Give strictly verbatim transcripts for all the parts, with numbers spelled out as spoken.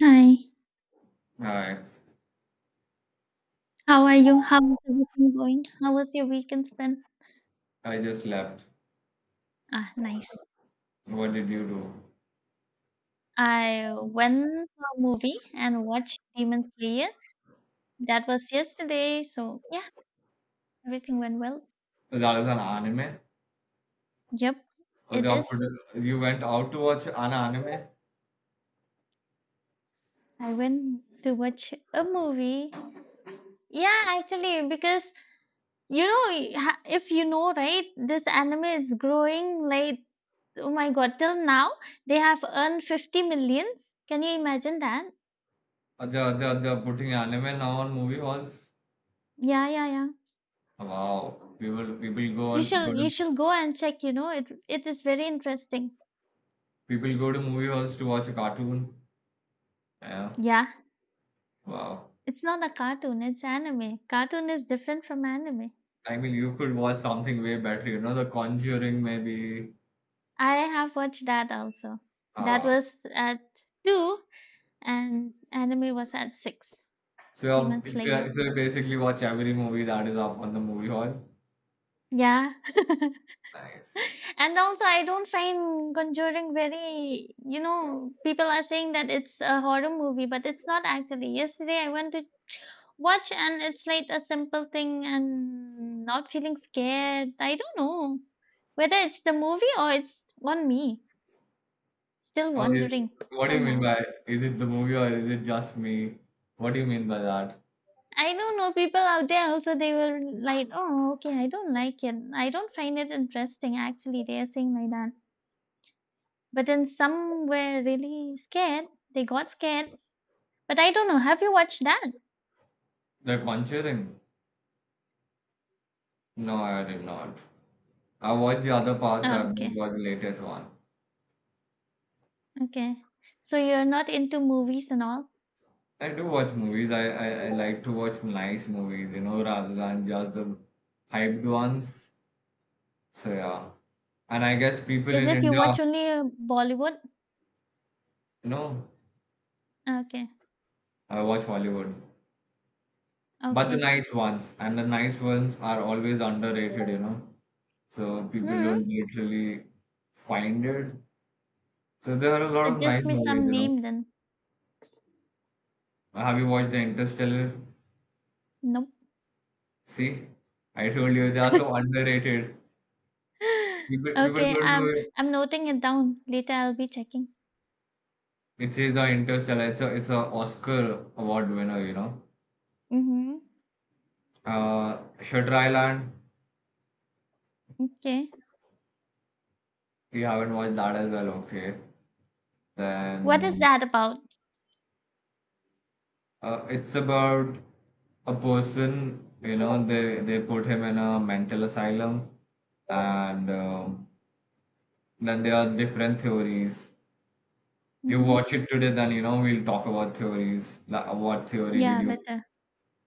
Hi, Hi, how are you? How is everything going? How was your weekend spent? I just slept. Ah, nice. What did you I went for a movie and watched Demon Slayer. That was yesterday, so yeah, everything went well. do? That is an anime. Yep, Or They it are is. put, you went out to watch an anime. I went to watch a movie. Yeah, actually, because you know, i- ha- if you know, right, this anime is growing like, oh my god, till now they have earned fifty millions. Can you imagine that? Or They are, they are, they are putting anime now on movie halls. Yeah, yeah, yeah. Wow, people people go You on go shall you to shall go and check, you know, it it is very interesting. people go to movie halls to watch a cartoon. Yeah, Yeah, wow. it's not a cartoon, it's anime. Cartoon is different from anime. I mean, you could watch something way better. You know, The Conjuring maybe. I have watched that also. That Uh, was at two and anime was at six. so, Demon you're- so, you're- Slayer. so you basically watch every movie that is up on the movie hall. Yeah. Nice. And also I don't find Conjuring very, you know, people are saying that it's a horror movie, but it's not actually. Yesterday I went to watch and it's like a simple thing and not feeling scared. I don't know whether it's the movie or it's on me. Still Oh, is, wondering what do till you mean now. by is it the movie or is it just me? What do you mean by that? I don't know, no, people out there also they were like, oh okay, I don't like it. I don't find it interesting. Actually, they are saying like that. But then some were really scared. They got scared. But I don't know. Have you watched that? The Conjuring? No, I did not. I watched the other parts, Oh, I've okay, not watched the latest one. okay. So you're not into movies and all. I do watch movies. I, I, I like to watch nice movies, you know, rather than just the hyped ones. So yeah. And I guess people Is in it you India, watch only uh, Bollywood? you know, Ah, okay. I watch Hollywood. But the Okay. nice ones. And the nice ones are always underrated, you know. So people Hmm. don't literally find it. So there are a lot of nice Suggest me movies, some you know. name then. Have you watched the Interstellar? Nope. See, I told you they are so underrated. People people Okay, don't know I'm it. I'm noting it down. Later I'll be checking. It is the Interstellar. It's a it's a Oscar award winner, you know. Mm-hmm. Uh, Shutter Island. Okay. You haven't watched that as well, okay? What is Then that about? uh, it's about a person, you know. They they put him in a mental asylum, and um, then there are different theories. You Mm-hmm. watch it today, then you know we'll talk about theories. Like, what theory did Yeah, you? better.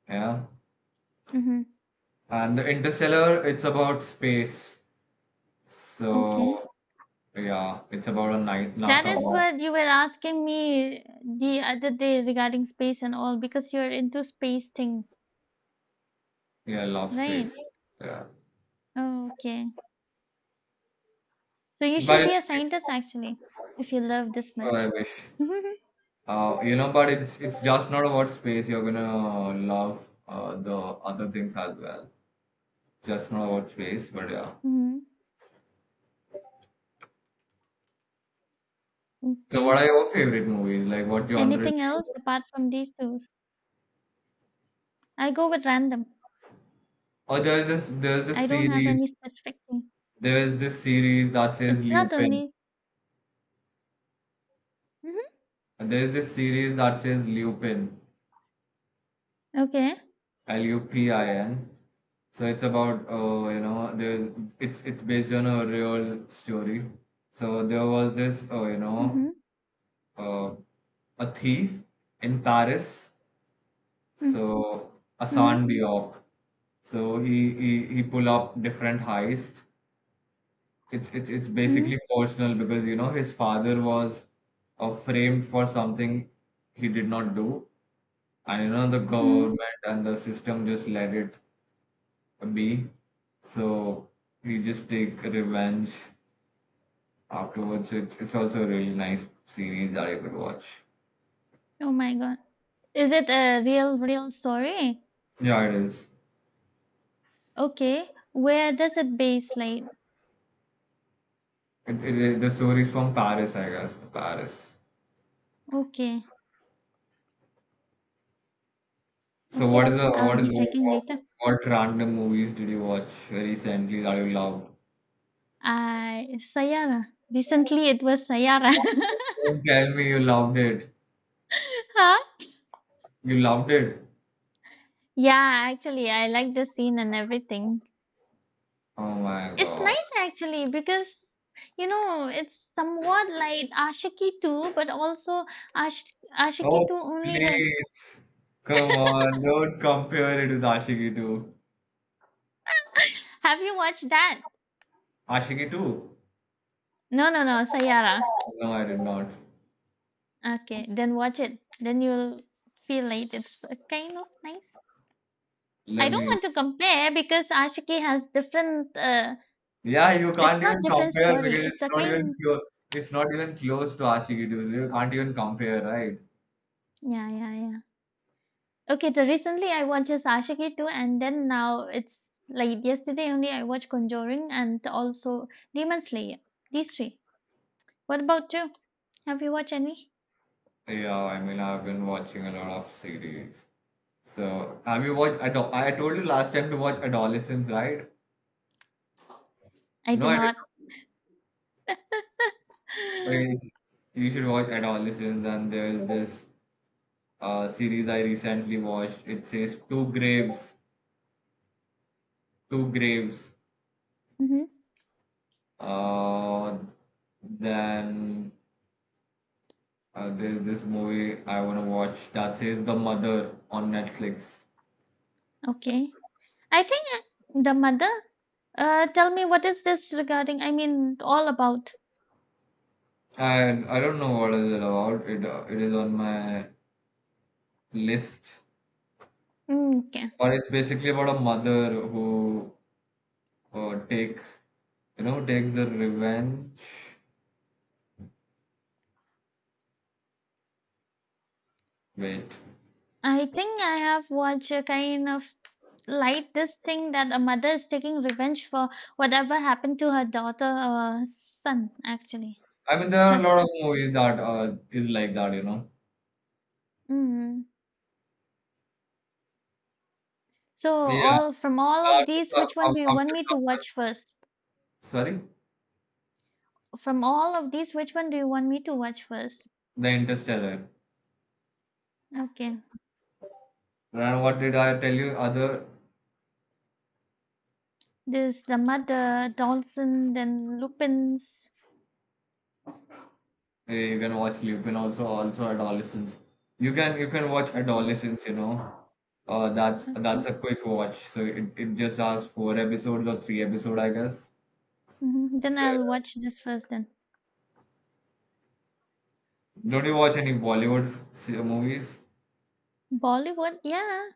Yeah, Mm-hmm. and the Interstellar, it's about space. Okay. So yeah, it's about a night That NASA is boy. what you were asking me the other day regarding space and all because you're into space thing, Yeah, I love right? space. Yeah, Okay. So you but should be it's, a it's scientist actually if you love this oh, I much. wish. Uh, you know, but it's it's just not about space. You're gonna love uh, the other things as well. Just not about space, but yeah. Mm-hmm. So, what Okay. are your favorite movies? Like, what genre do Anything you? else apart from these two? I go with random. Oh, there's this there's I this don't have series. any specific thing. There is this series that says It's not Lupin. only hmm, There is this series that says Lupin, okay. L U P I N. So it's about uh, you know there's it's it's based on a real story. So there was this uh, you know Mm-hmm. uh, a thief in Paris. Mm-hmm. So Hassan Diop. So he he he pull up different heists. It's it's it's basically Mm-hmm. personal because you know his father was uh, framed for something he did not do, and you know the Mm-hmm. government and the system just let it be. So he just take revenge afterwards. It, it's also a really nice series that you could watch. Oh my god. Is it a real real story? Yeah, it is. Okay. Where does it base like? It, it, it- the story is from Paris, I guess. Paris. Okay. So Okay. Yeah. what is the I'll what be is the, checking what, later. what random movies did you watch recently that you loved? I Sayara. Recently it was Sayara. Don't tell me you loved it. Huh? You loved it? Yeah, actually I like the scene and everything. Oh my It's God. nice actually because you know it's somewhat like Ashiki two, but also Ash- Ashiki two Oh, only the. please. Come on. Don't compare it with Ashiki two. Have you watched that? Ashiki two? No, no, no, Sayara. No, I did not. Okay, then watch it. Then you'll feel like it's uh, kind of nice. I Let don't me. want to compare because Ashiki has different uh, Yeah, you it's can't not even different compare story. because It's it's a not even kind. close. It's not even close to Ashiki two. So you can't even compare, right? Yeah, yeah, yeah. Okay, so recently I watched just Ashiki too, and then now it's like yesterday only I watched Conjuring and also Demon Slayer. These three. What about you? Have you watched any? Yeah, I mean, I've been watching a lot of series. So, have you watched Ado- I told you last time to watch Adolescence, right? I No, did I did. not. Like, you should watch Adolescence, and there's this uh, series I recently watched. It says Two Graves, Two Graves. Hmm. Uh, then uh, there's this movie I want to watch that says The Mother on Netflix. Okay. I think uh, the mother. Uh, tell me what is this regarding? I mean, all about. And I don't know what is it about. It uh, it is on my list, Mm, okay. but it's basically about a mother who uh, take you know takes the revenge. Wait. I think I have watched a kind of like this thing that a mother is taking revenge for whatever happened to her daughter or son, actually, I mean, there her are a lot of son. movies that uh, is like that, you know. Hmm. So Yeah, all from all of after, these, after which one do you want after me to someone, watch first? sorry, From all of these, which one do you want me to watch first? The Interstellar. Okay. And what did I tell you? Other, This the mother, Dawson, then Lupin's. eh, you can watch Lupin also, also Adolescence. You can you can watch Okay. Adolescence, you know. Uh, that's Okay. That's a quick watch. So it, it just has four episodes or three episode, I guess. Hmm. Then So, I'll watch this first then. don't you watch any Bollywood se- movies? Bollywood, yeah,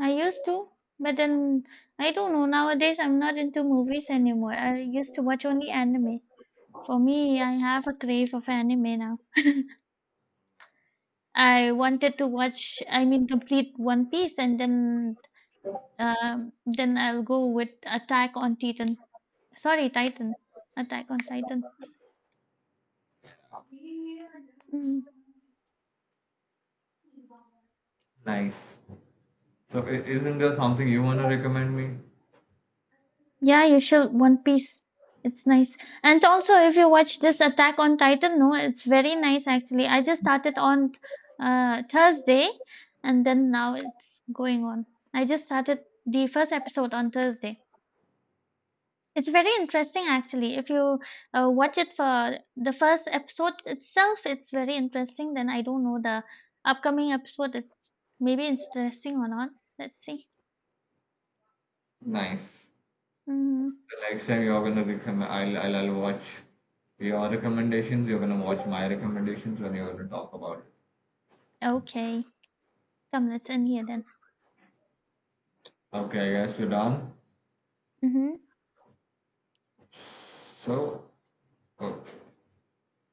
I used to, but then I don't know. Nowadays, I'm not into movies anymore. I used to watch only anime. For me, I have a crave of anime now. I wanted to watch, I mean, complete One Piece, and then Um, then I'll go with Attack on Titan. Sorry, Titan. Attack on Titan. Mm. Nice. So i- isn't there something you want to recommend me? Yeah, you should. One Piece. It's nice. And also, if you watch this Attack on Titan, no, it's very nice actually. I just started on uh, Thursday, and then now it's going on. I just started the first episode on Thursday. It's very interesting actually. If you uh, watch it for the first episode itself, it's very interesting. Then I don't know the upcoming episode. It's maybe interesting or not. Let's see. Nice. Hmm. The next time you're gonna recommend, I'll, I'll I'll watch your recommendations. You're gonna watch my recommendations when you're gonna talk about it. Okay, come. Let's end here then. Okay, I guess we're done. Hmm. So, okay.